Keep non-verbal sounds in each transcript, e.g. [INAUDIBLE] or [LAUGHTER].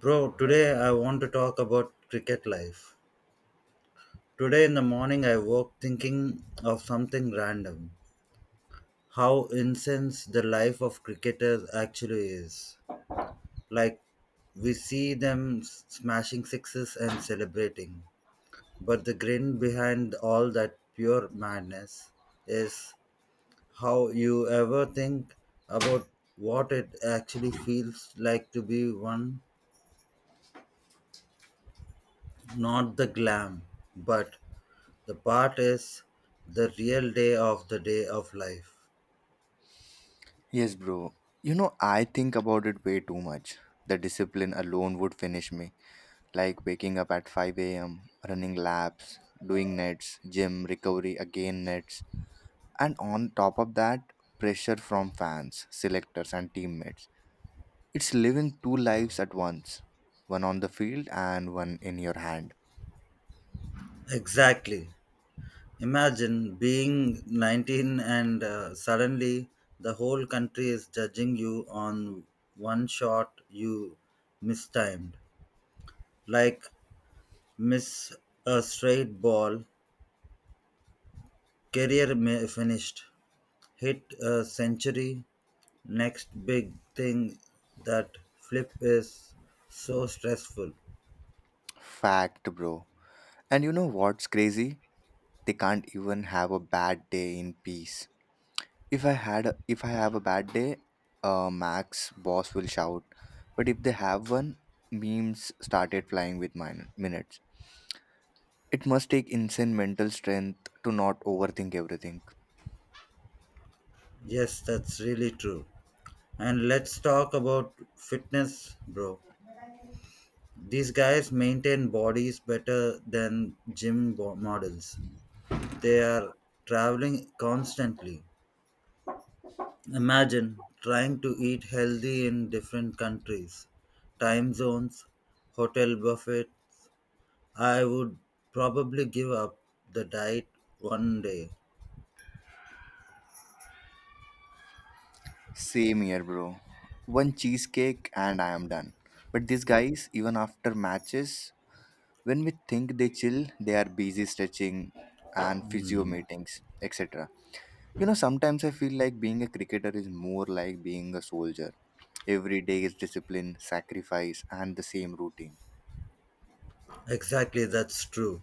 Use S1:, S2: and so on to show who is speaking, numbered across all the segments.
S1: Bro, today I want to talk about cricket life. Today in the morning I woke thinking of something random. How intense the life of cricketers actually is. Like we see them smashing sixes and celebrating. But the grin behind all that pure madness is how you ever think about what it actually feels like to be one, not the glam, but the part is the real day of life.
S2: Yes, bro. You know, I think about it way too much. The discipline alone would finish me, like waking up at 5 a.m., running laps, doing nets, gym, recovery, again nets. And on top of that, pressure from fans, selectors, and teammates. It's living two lives at once, one on the field and one in your hand.
S1: Exactly. Imagine being 19 and suddenly the whole country is judging you on one shot you mistimed. Like miss a straight ball, career may finished, hit a century, next big thing that flip is so stressful.
S2: Fact, bro. And you know what's crazy? They can't even have a bad day in peace. If I have a bad day max boss will shout, but if they have one, memes started flying with mine minutes. It must take insane mental strength to not overthink everything.
S1: Yes, that's really true. And let's talk about fitness, bro. These guys maintain bodies better than models. They are traveling constantly. Imagine trying to eat healthy in different countries, time zones, hotel buffet. I would probably give up the diet one day.
S2: Same here, bro. One cheesecake and I am done, but these guys, even after matches, when we think they chill, they are busy stretching and physio
S1: Hmm.
S2: meetings, etc. You know, sometimes I feel like being a cricketer is more like being a soldier. Every day is discipline, sacrifice, and the same routine.
S1: Exactly, that's true.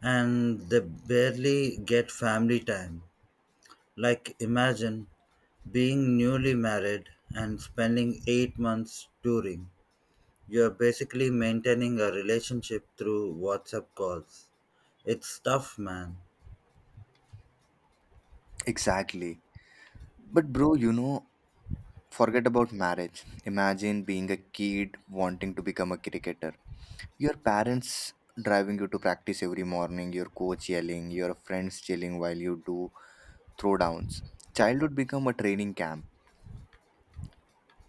S1: And they barely get family time. Like, imagine being newly married and spending 8 months touring. You're basically maintaining a relationship through WhatsApp calls. It's tough, man.
S2: Exactly. But, bro, you know, forget about marriage. Imagine being a kid wanting to become a cricketer. Your parents driving you to practice every morning, your coach yelling, your friends chilling while you do throwdowns. Childhood become a training camp.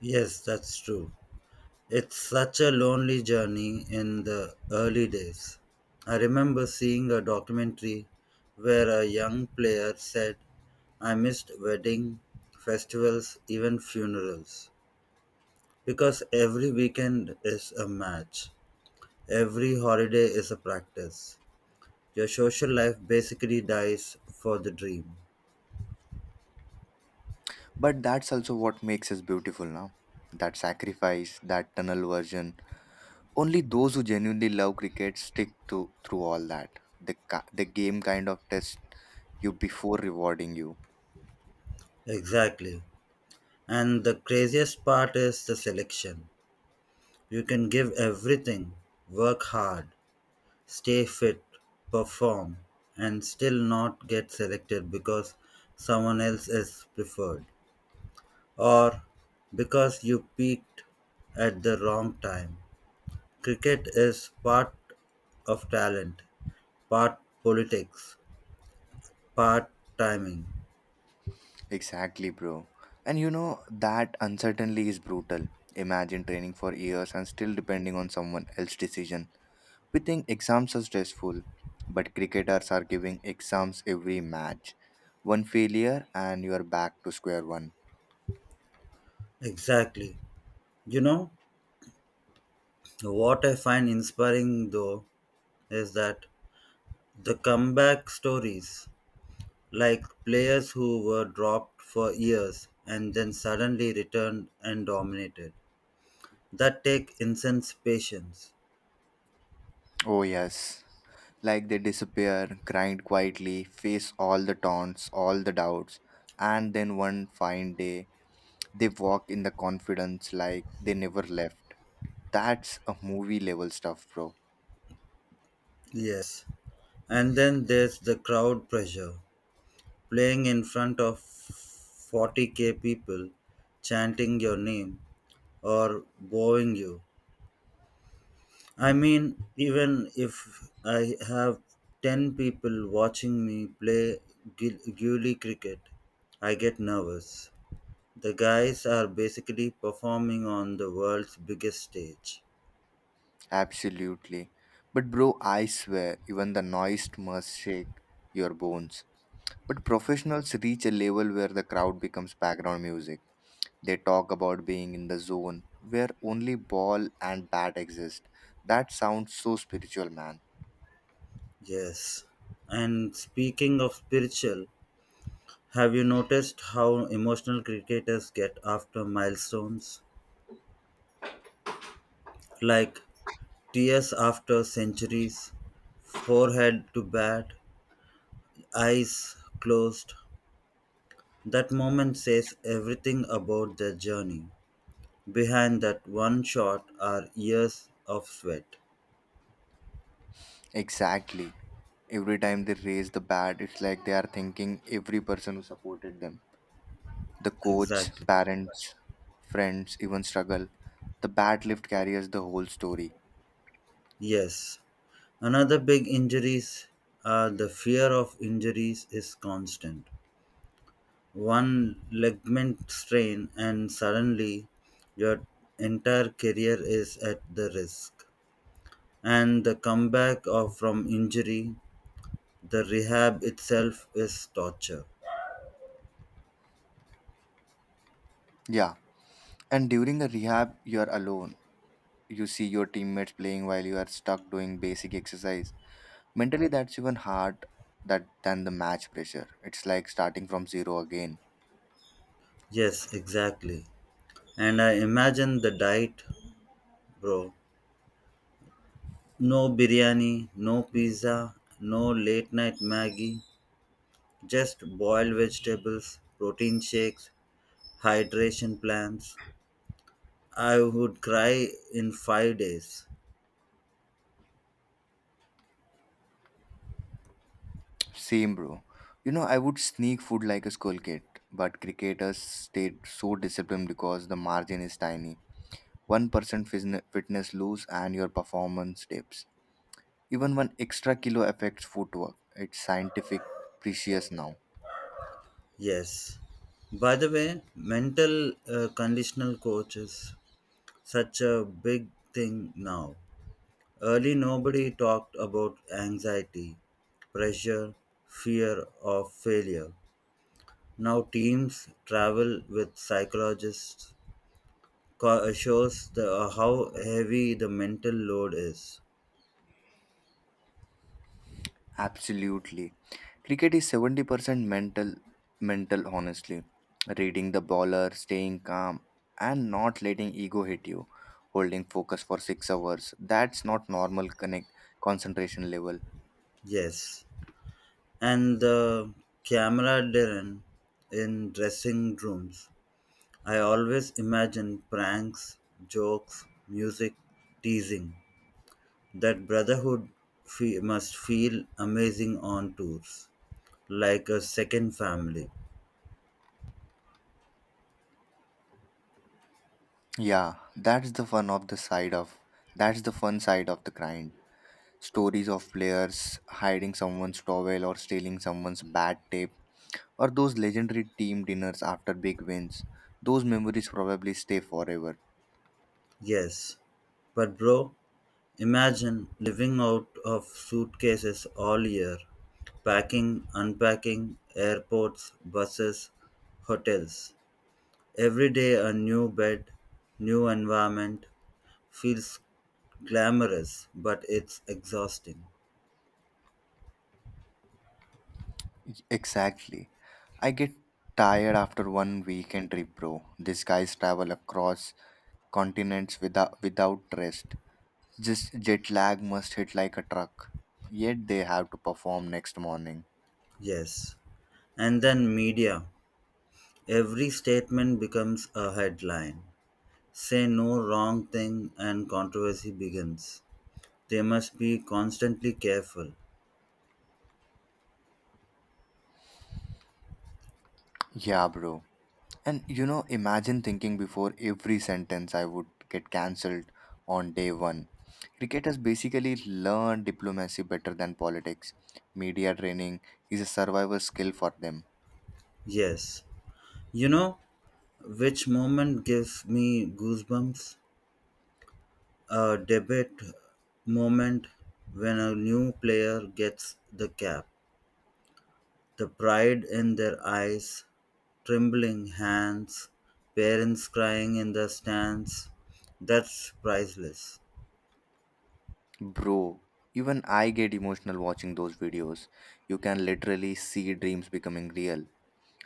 S1: Yes, that's true. It's such a lonely journey in the early days. I remember seeing a documentary where a young player said, I missed wedding, festivals, even funerals, because every weekend is a match. Every holiday is a practice. Your social life basically dies for the dream.
S2: But that's also what makes us beautiful now. That sacrifice, that tunnel version. Only those who genuinely love cricket stick to through all that. The game kind of tests you before rewarding you.
S1: Exactly. And the craziest part is the selection. You can give everything, work hard, stay fit, perform, and still not get selected because someone else is preferred or because you peaked at the wrong time. Cricket is part of talent, part politics, part timing.
S2: Exactly, bro. And you know that uncertainty is brutal. Imagine training for years and still depending on someone else's decision. We think exams are stressful, but cricketers are giving exams every match. One failure and you are back to square one.
S1: Exactly. You know, what I find inspiring though is that the comeback stories, like players who were dropped for years and then suddenly returned and dominated, that take intense patience.
S2: Oh yes. Like they disappear, grind quietly, face all the taunts, all the doubts, and then one fine day, they walk in the confidence like they never left. That's a movie level stuff, bro.
S1: Yes. And then there's the crowd pressure. Playing in front of 40K people chanting your name or booing you. I mean, even if I have 10 people watching me play Gully cricket, I get nervous. The guys are basically performing on the world's biggest stage.
S2: Absolutely. But, bro, I swear, even the noise must shake your bones. But professionals reach a level where the crowd becomes background music. They talk about being in the zone where only ball and bat exist. That sounds so spiritual, man.
S1: Yes. And speaking of spiritual, have you noticed how emotional cricketers get after milestones? Like tears after centuries, forehead to bat, eyes closed. That moment says everything about their journey. Behind that one shot are years of sweat.
S2: Exactly. Every time they raise the bat, it's like they are thinking every person who supported them. The coach,
S1: Exactly.
S2: parents, friends, even struggle. The bat lift carries the whole story.
S1: Yes. Another big injuries are the fear of injuries is constant. One ligament strain and suddenly your entire career is at the risk. And the comeback of from injury, the rehab itself is torture.
S2: Yeah. And during a rehab, you're alone. You see your teammates playing while you are stuck doing basic exercise. Mentally, that's even hard that than the match pressure. It's like starting from zero again.
S1: Yes, exactly. And I imagine the diet, bro. No biryani, no pizza, no late night Maggie, just boiled vegetables, protein shakes, hydration plans. I would cry in 5 days.
S2: Same, bro. You know, I would sneak food like a school kid, but cricketers stayed so disciplined because the margin is tiny. 1% fitness lose and your performance dips. Even one extra kilo affects footwork. It's scientific precious now.
S1: Yes. By the way, mental conditional coaches, such a big thing now. Early, nobody talked about anxiety, pressure, fear of failure. Now teams travel with psychologists shows the how heavy the mental load is.
S2: Absolutely. Cricket is 70% mental, honestly. Reading the bowler, staying calm, and not letting ego hit you. Holding focus for 6 hours. That's not normal connect concentration level.
S1: Yes, and the camera, Darren, in dressing rooms. I always imagine pranks, jokes, music, teasing. That brotherhood must feel amazing on tours, like a second family.
S2: Yeah, that's the fun of the side of that's the fun side of the grind. Stories of players hiding someone's towel or stealing someone's bat tape, or those legendary team dinners after big wins. Those memories probably stay forever.
S1: Yes, but bro, imagine living out of suitcases all year, packing, unpacking, airports, buses, hotels. Every day a new bed, new environment feels glamorous, but it's exhausting.
S2: Exactly. I get tired after one weekend trip, bro. These guys travel across continents without rest. Just jet lag must hit like a truck. Yet they have to perform next morning.
S1: Yes. And then media. Every statement becomes a headline. Say no wrong thing and controversy begins. They must be constantly careful.
S2: Yeah, bro. And you know, imagine thinking before every sentence I would get cancelled on day one. Cricket has basically learned diplomacy better than politics. Media training is a survival skill for them.
S1: Yes. You know, which moment gives me goosebumps? A debate moment when a new player gets the cap. The pride in their eyes, trembling hands, parents crying in the stands. That's priceless.
S2: Bro, even I get emotional watching those videos. You can literally see dreams becoming real.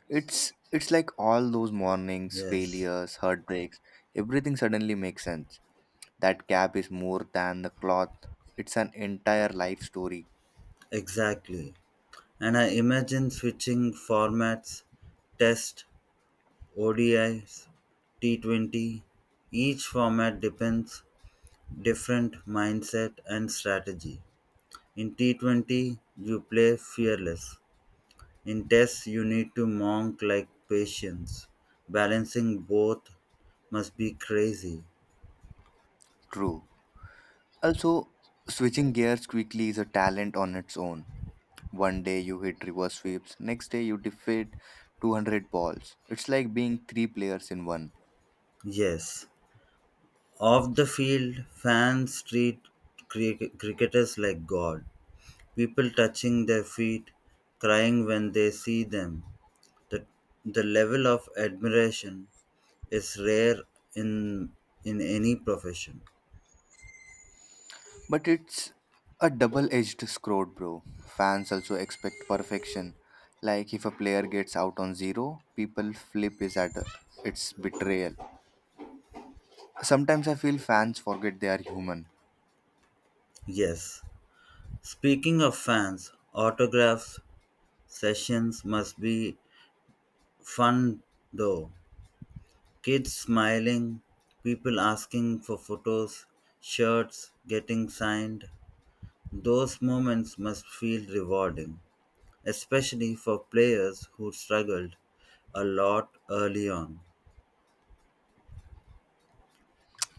S2: It's like all those mornings,
S1: Yes,
S2: failures, heartbreaks, everything suddenly makes sense. That cap is more than the cloth. It's an entire life story.
S1: exactly. And I imagine switching formats, test, ODIs, T20. Each format depends different mindset and strategy. In T20, you play fearless. In tests, you need to monk like patience. Balancing both must be crazy.
S2: True. Also, switching gears quickly is a talent on its own. One day you hit reverse sweeps, next day you defeat 200 balls. It's like being three players in one.
S1: Yes. Off the field, fans treat cricketers like God. People touching their feet, crying when they see them. The, the level of admiration is rare in, in any profession.
S2: But it's a double edged sword, bro. Fans also expect perfection. Like if a player gets out on zero, people flip his at. It's betrayal. Sometimes I feel fans forget they are human.
S1: Yes, speaking of fans, autographs sessions must be fun though. Kids smiling, people asking for photos, shirts getting signed. Those moments must feel rewarding, especially for players who struggled a lot early on.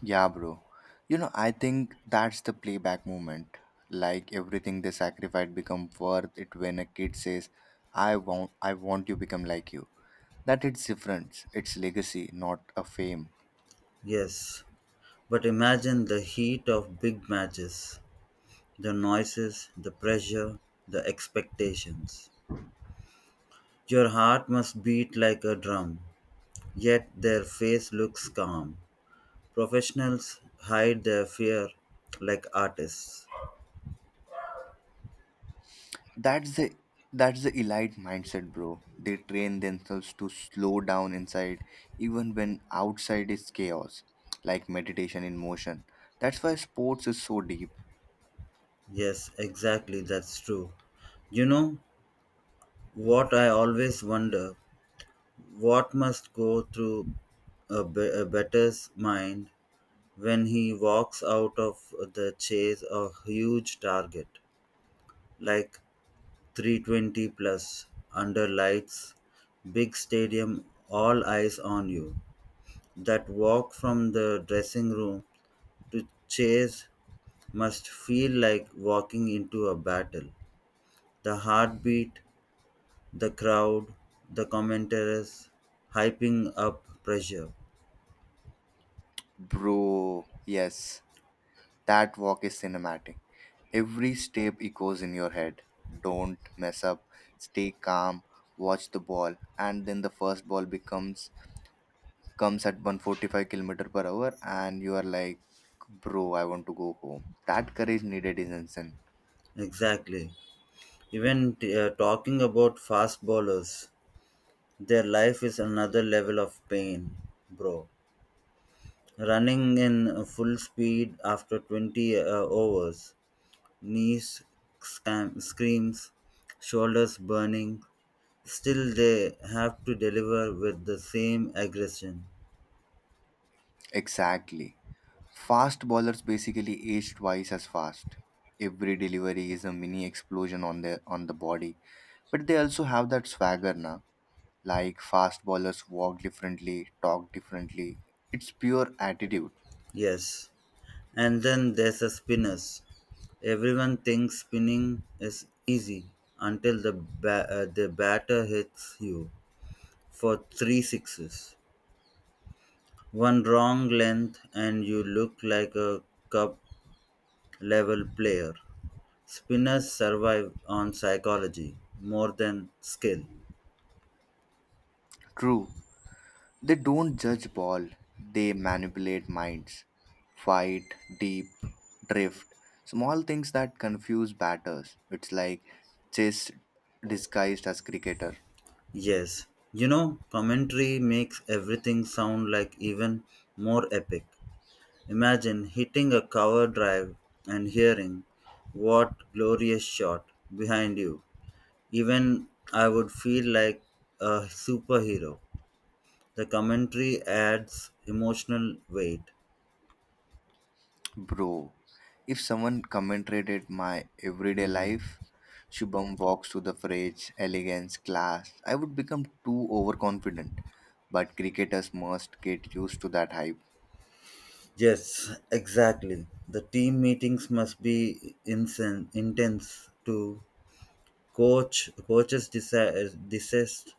S2: Yeah, bro. You know, I think that's the playback moment. Like everything they sacrificed become worth it when a kid says, I want you become like you." That it's difference. It's legacy, not a fame.
S1: Yes, but imagine the heat of big matches, the noises, the pressure, the expectations. Your heart must beat like a drum, yet their face looks calm. Professionals hide their fear like artists.
S2: That's the that's the elite mindset, bro. They train themselves to slow down inside, even when outside is chaos, like meditation in motion. That's why sports is so deep,
S1: Yes, exactly, that's true. You know what I always wonder? What must go through a better's mind when he walks out of the chase of a huge target like 320 plus under lights, big stadium, all eyes on you? That walk from the dressing room to chase must feel like walking into a battle. The heartbeat, the crowd, the commentators hyping up pressure.
S2: bro. Yes, that walk is cinematic. Every step echoes in your head. Don't mess up. Stay calm. Watch the ball. And then the first ball becomes comes at 145 kilometer per hour, and you are like, bro, I want to go home. That courage needed is insane.
S1: Exactly. Even talking about fast bowlers, their life is another level of pain, bro. Running in full speed after 20 overs, knees screams, shoulders burning. Still, they have to deliver with the same aggression.
S2: Exactly. Fast bowlers basically age twice as fast. Every delivery is a mini explosion on the body. But they also have that swagger now. Like fast bowlers walk differently, talk differently. It's pure attitude.
S1: Yes. And then there's the spinners. Everyone thinks spinning is easy until the batter hits you for three sixes. One wrong length, and you look like a cup level player. Spinners survive on psychology more than skill.
S2: True, they don't judge ball, they manipulate minds. Fight, deep, drift, small things that confuse batters. It's like chess disguised as cricketer.
S1: Yes, you know, commentary makes everything sound like even more epic. Imagine hitting a cover drive and hearing what glorious shot behind you. Even I would feel like a superhero. The commentary adds emotional weight.
S2: Bro, if someone commentated my everyday life, Shubham walks to the phrase elegance, class, I would become too overconfident. But cricketers must get used to that hype.
S1: Yes, exactly. The team meetings must be intense to coaches desist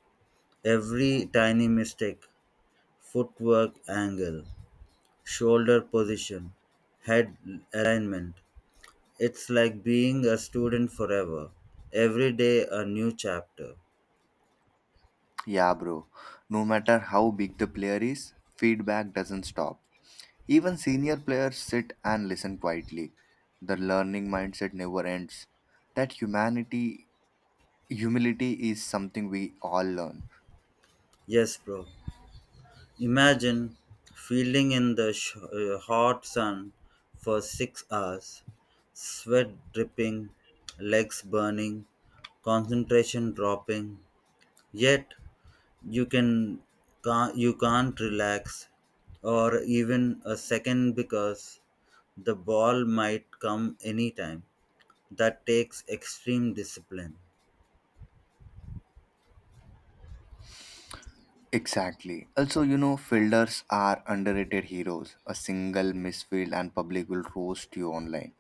S1: every tiny mistake, footwork angle, shoulder position, head alignment. It's like being a student forever. Every day a new chapter.
S2: Yeah, bro, no matter how big the player is, feedback doesn't stop. Even senior players sit and listen quietly. The learning mindset never ends. That humanity humility is something we all learn.
S1: Yes, bro. Imagine fielding in the hot sun for 6 hours, sweat dripping, legs burning, concentration dropping. Yet, you can you can't relax or even a second because the ball might come anytime. That takes extreme discipline.
S2: Exactly. Also, you know, fielders are underrated heroes. A single misfield and public will roast you online.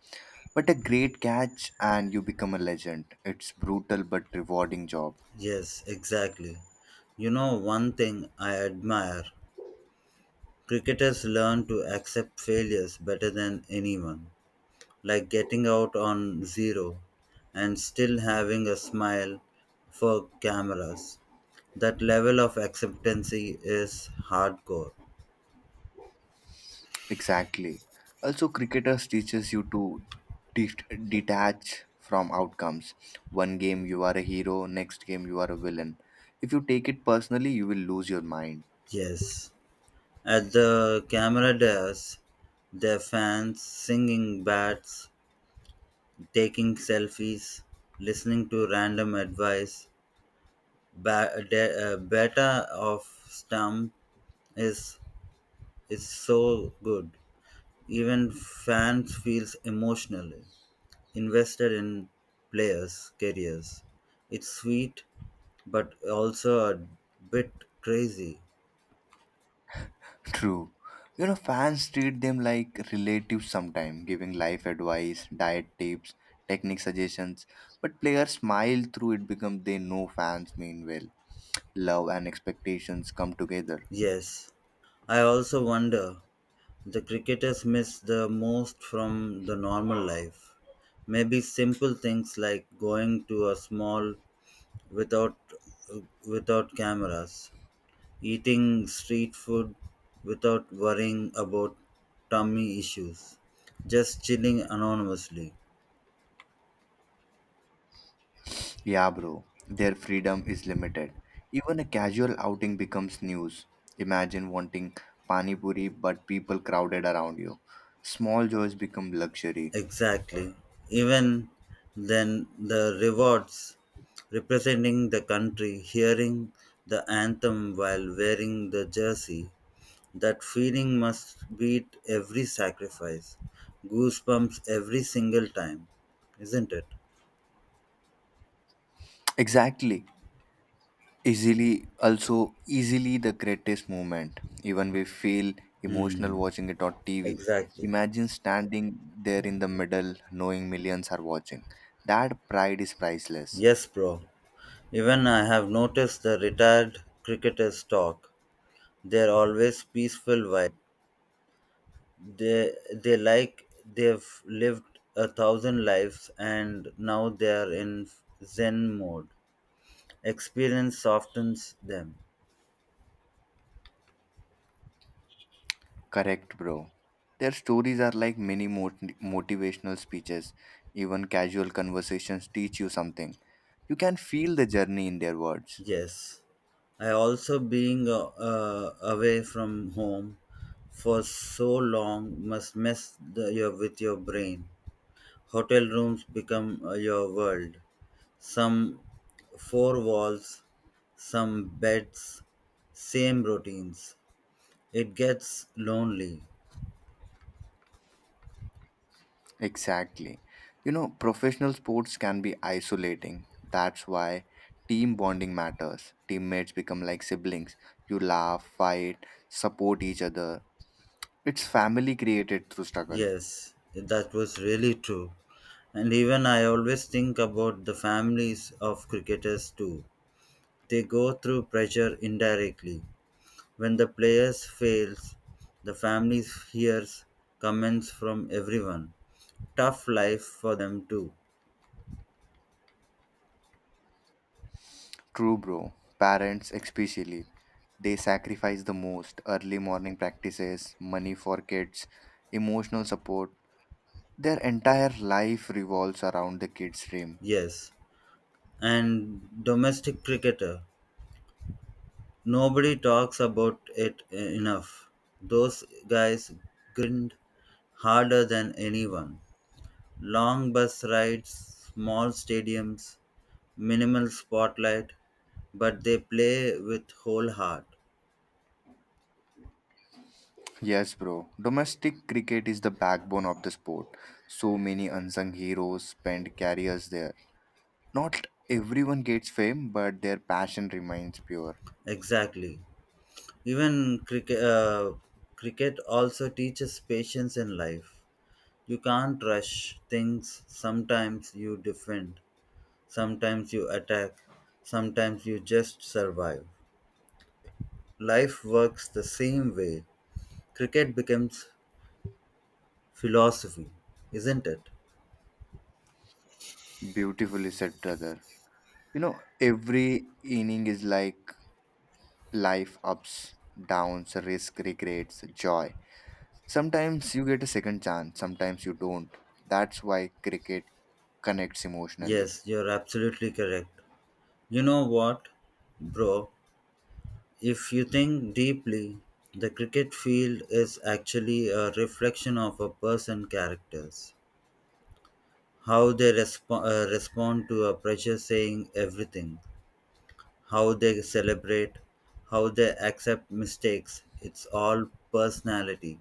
S2: But a great catch and you become a legend. It's brutal but rewarding job.
S1: Yes, exactly. You know one thing I admire, cricketers learn to accept failures better than anyone. Like getting out on zero and still having a smile for cameras. That level of acceptancy is hardcore.
S2: Exactly. Also, cricketers teaches you to detach from outcomes. One game you are a hero, next game you are a villain. If you take it personally, you will lose your mind.
S1: Yes, at the camera dares, their fans singing bats, taking selfies, listening to random advice. Beta of stump is is so good. Even fans feels emotionally invested in players' careers. It's sweet, but also a bit crazy.
S2: [LAUGHS] True. You know, fans treat them like relatives sometimes, giving life advice, diet tips, technique suggestions. But players smile through it because they know fans mean well. Love and expectations come together.
S1: Yes, I also wonder the cricketers miss the most from the normal life. Maybe simple things like going to a small without without cameras, eating street food without worrying about tummy issues, just chilling anonymously.
S2: Yeah, bro. Their freedom is limited. Even a casual outing becomes news. Imagine wanting pani puri but people crowded around you. Small joys become luxury.
S1: Exactly. Even then, the rewards representing the country, hearing the anthem while wearing the jersey, that feeling must beat every sacrifice. Goosebumps every single time, isn't it?
S2: Exactly. Easily, also easily the greatest moment. Even we feel emotional
S1: Hmm,
S2: watching it on TV.
S1: exactly.
S2: Imagine standing there in the middle, knowing millions are watching. That pride is priceless.
S1: Yes, bro. Even I have noticed the retired cricketers talk. They're always peaceful vibe. They like they've lived a thousand lives and now they are in Zen mode. Experience softens them.
S2: Correct, bro. Their stories are like mini motivational speeches. Even casual conversations teach you something. You can feel the journey in their words.
S1: Yes, I also being away from home for so long must mess with your brain. Hotel rooms become your world. Some four walls, some beds, same routines. It gets lonely.
S2: Exactly. You know, professional sports can be isolating. That's why team bonding matters. Teammates become like siblings. You laugh, fight, support each other. It's family created through struggle.
S1: Yes, that was really true. And even I always think about the families of cricketers too. They go through pressure indirectly. When the player fails, the family hears comments from everyone. Tough life for them too.
S2: True, bro. Parents, especially, they sacrifice the most early morning practices, money for kids, emotional support. Their entire life revolves around the kids' dream.
S1: Yes. And domestic cricketer. Nobody talks about it enough. Those guys grind harder than anyone. Long bus rides, small stadiums, minimal spotlight, but they play with whole heart.
S2: Yes, bro. Domestic cricket is the backbone of the sport. So many unsung heroes spend careers there. Not everyone gets fame, but their passion remains pure.
S1: Exactly. Even cricket also teaches patience in life. You can't rush things. Sometimes you defend, sometimes you attack, sometimes you just survive. Life works the same way. Cricket becomes philosophy, isn't it?
S2: Beautifully said, brother. You know, every inning is like life ups, downs, risk, regrets, joy. Sometimes you get a second chance, sometimes you don't. That's why cricket connects emotionally.
S1: Yes, you're absolutely correct. You know what, bro? If you think deeply, the cricket field is actually a reflection of a person's characters. How they respond to a pressure saying everything, how they celebrate, how they accept mistakes. It's all personality.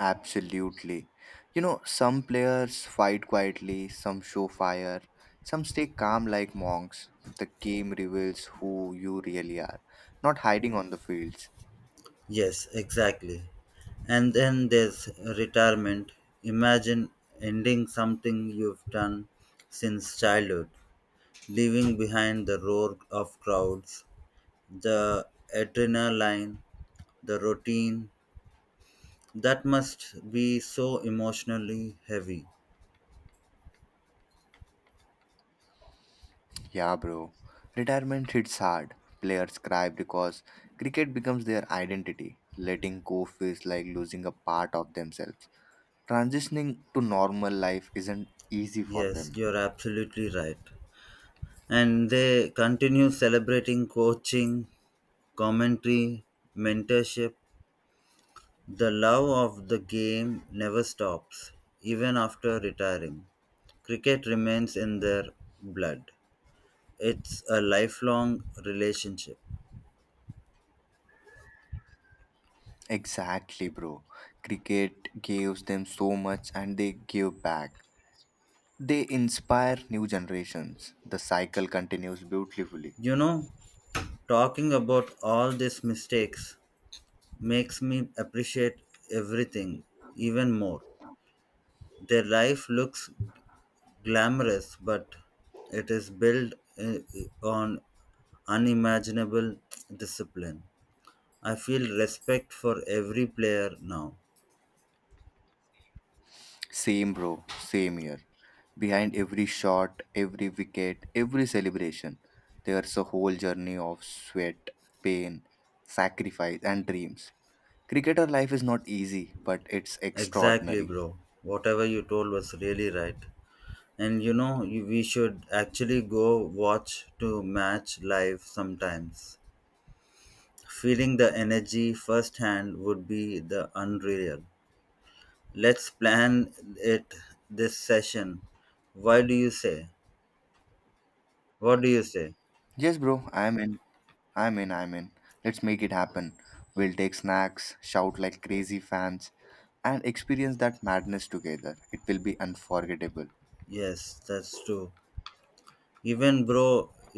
S2: Absolutely. You know, some players fight quietly, some show fire, some stay calm like monks. The game reveals who you really are, not hiding on the field.
S1: Yes, exactly. And then there's retirement. Imagine ending something you've done since childhood, leaving behind the roar of crowds, the adrenaline, the routine. That must be so emotionally heavy.
S2: Yeah, bro. Retirement hits hard. Players cry because cricket becomes their identity. Letting go feels like losing a part of themselves. Transitioning to normal life isn't easy for
S1: Yes,
S2: them.
S1: you're absolutely right. And they continue celebrating coaching, commentary, mentorship. The love of the game never stops, even after retiring. Cricket remains in their blood. It's a lifelong relationship.
S2: Exactly, bro. Cricket gives them so much and they give back. They inspire new generations. The cycle continues beautifully.
S1: You know, talking about all these mistakes makes me appreciate everything even more. Their life looks glamorous, but it is built on unimaginable discipline. I feel respect for every player now.
S2: Same, bro. Same here. Behind every shot, every wicket, every celebration, there's a whole journey of sweat, pain, sacrifice, and dreams. Cricketer life is not easy, but it's
S1: Exactly,
S2: extraordinary.
S1: bro. Whatever you told was really right. And you know, we should actually go watch to match live sometimes. Feeling the energy firsthand would be the unreal. Let's plan it this session. Why do you say? What do you say?
S2: Yes, bro. I'm in. Let's make it happen. We'll take snacks, shout like crazy fans, and experience that madness together. It will be unforgettable.
S1: Yes, that's true. Even bro,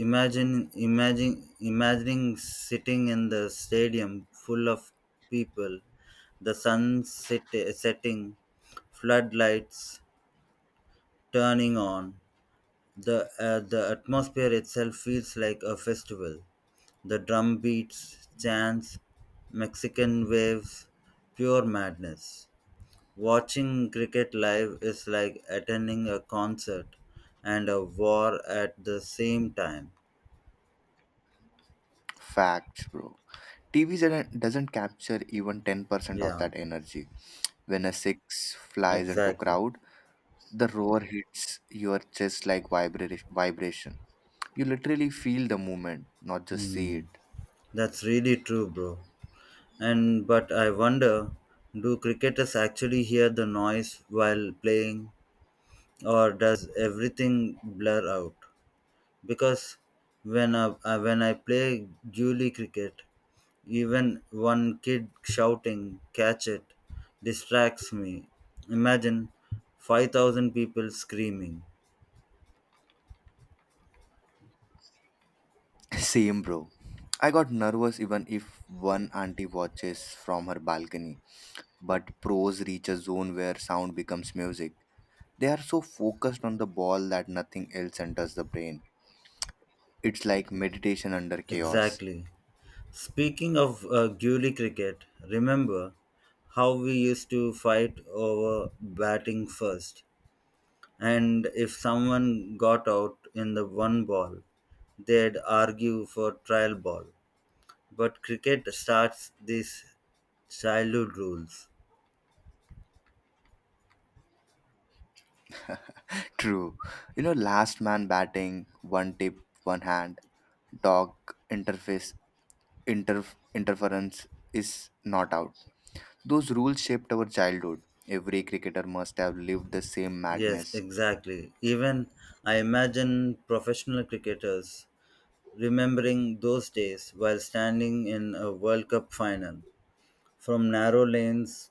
S1: imagine imagine imagining sitting in the stadium full of people, the setting, floodlights turning on. The atmosphere itself feels like a festival. The drum beats, chants, Mexican waves, pure madness. Watching cricket live is like attending a concert and a war at the same time.
S2: Facts, bro. TV doesn't capture even 10% of
S1: Yeah,
S2: that energy. When a six flies into
S1: exactly.
S2: crowd, the roar hits your chest like vibration. You literally feel the movement, not just see
S1: Hmm.
S2: it.
S1: That's really true, bro. And but I wonder, do cricketers actually hear the noise while playing or does everything blur out? Because when I play Julie cricket, even one kid shouting, catch it, distracts me. Imagine 5,000 people screaming.
S2: [LAUGHS] Same, bro. I got nervous even if one auntie watches from her balcony. But pros reach a zone where sound becomes music. They are so focused on the ball that nothing else enters the brain. It's like meditation under chaos.
S1: Exactly. Speaking of Gully cricket, remember how we used to fight over batting first? And if someone got out in the one ball, they'd argue for trial ball. But cricket starts these childhood rules.
S2: True. You know, last man batting, one tip, one hand, dog interface interference is not out. Those rules shaped our childhood. Every cricketer must have lived the same
S1: Yes,
S2: madness.
S1: exactly. Even I imagine professional cricketers remembering those days while standing in a World Cup final from narrow lanes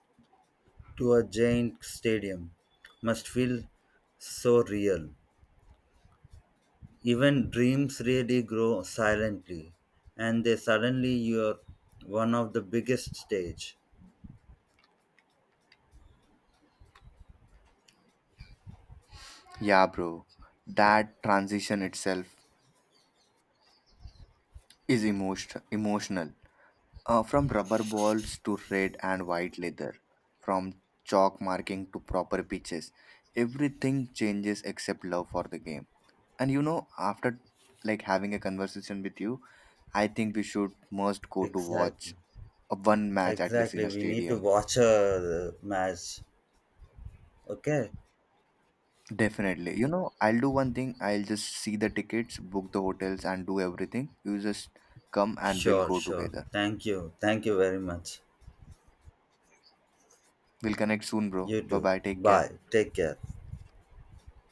S1: to a giant stadium must feel so real. Even dreams really grow silently and they suddenly you're one of the biggest stage.
S2: Yeah, bro. That transition itself is emotional. From rubber balls to red and white leather, from chalk marking to proper pitches, everything changes except love for the game. And you know, after like having a conversation with you, I think we should must go to
S1: Exactly.
S2: watch a one match at least in
S1: Exactly.
S2: a
S1: We need to
S2: stadium.
S1: watch a match. Okay.
S2: Definitely. You know, I'll do one thing. I'll just see the tickets, book the hotels, and do everything. You just come and we'll
S1: Sure,
S2: go
S1: sure.
S2: together.
S1: Thank you. Thank you very much.
S2: We'll connect soon, bro.
S1: You
S2: Bye
S1: too.
S2: bye. Take care.
S1: Bye. Take care.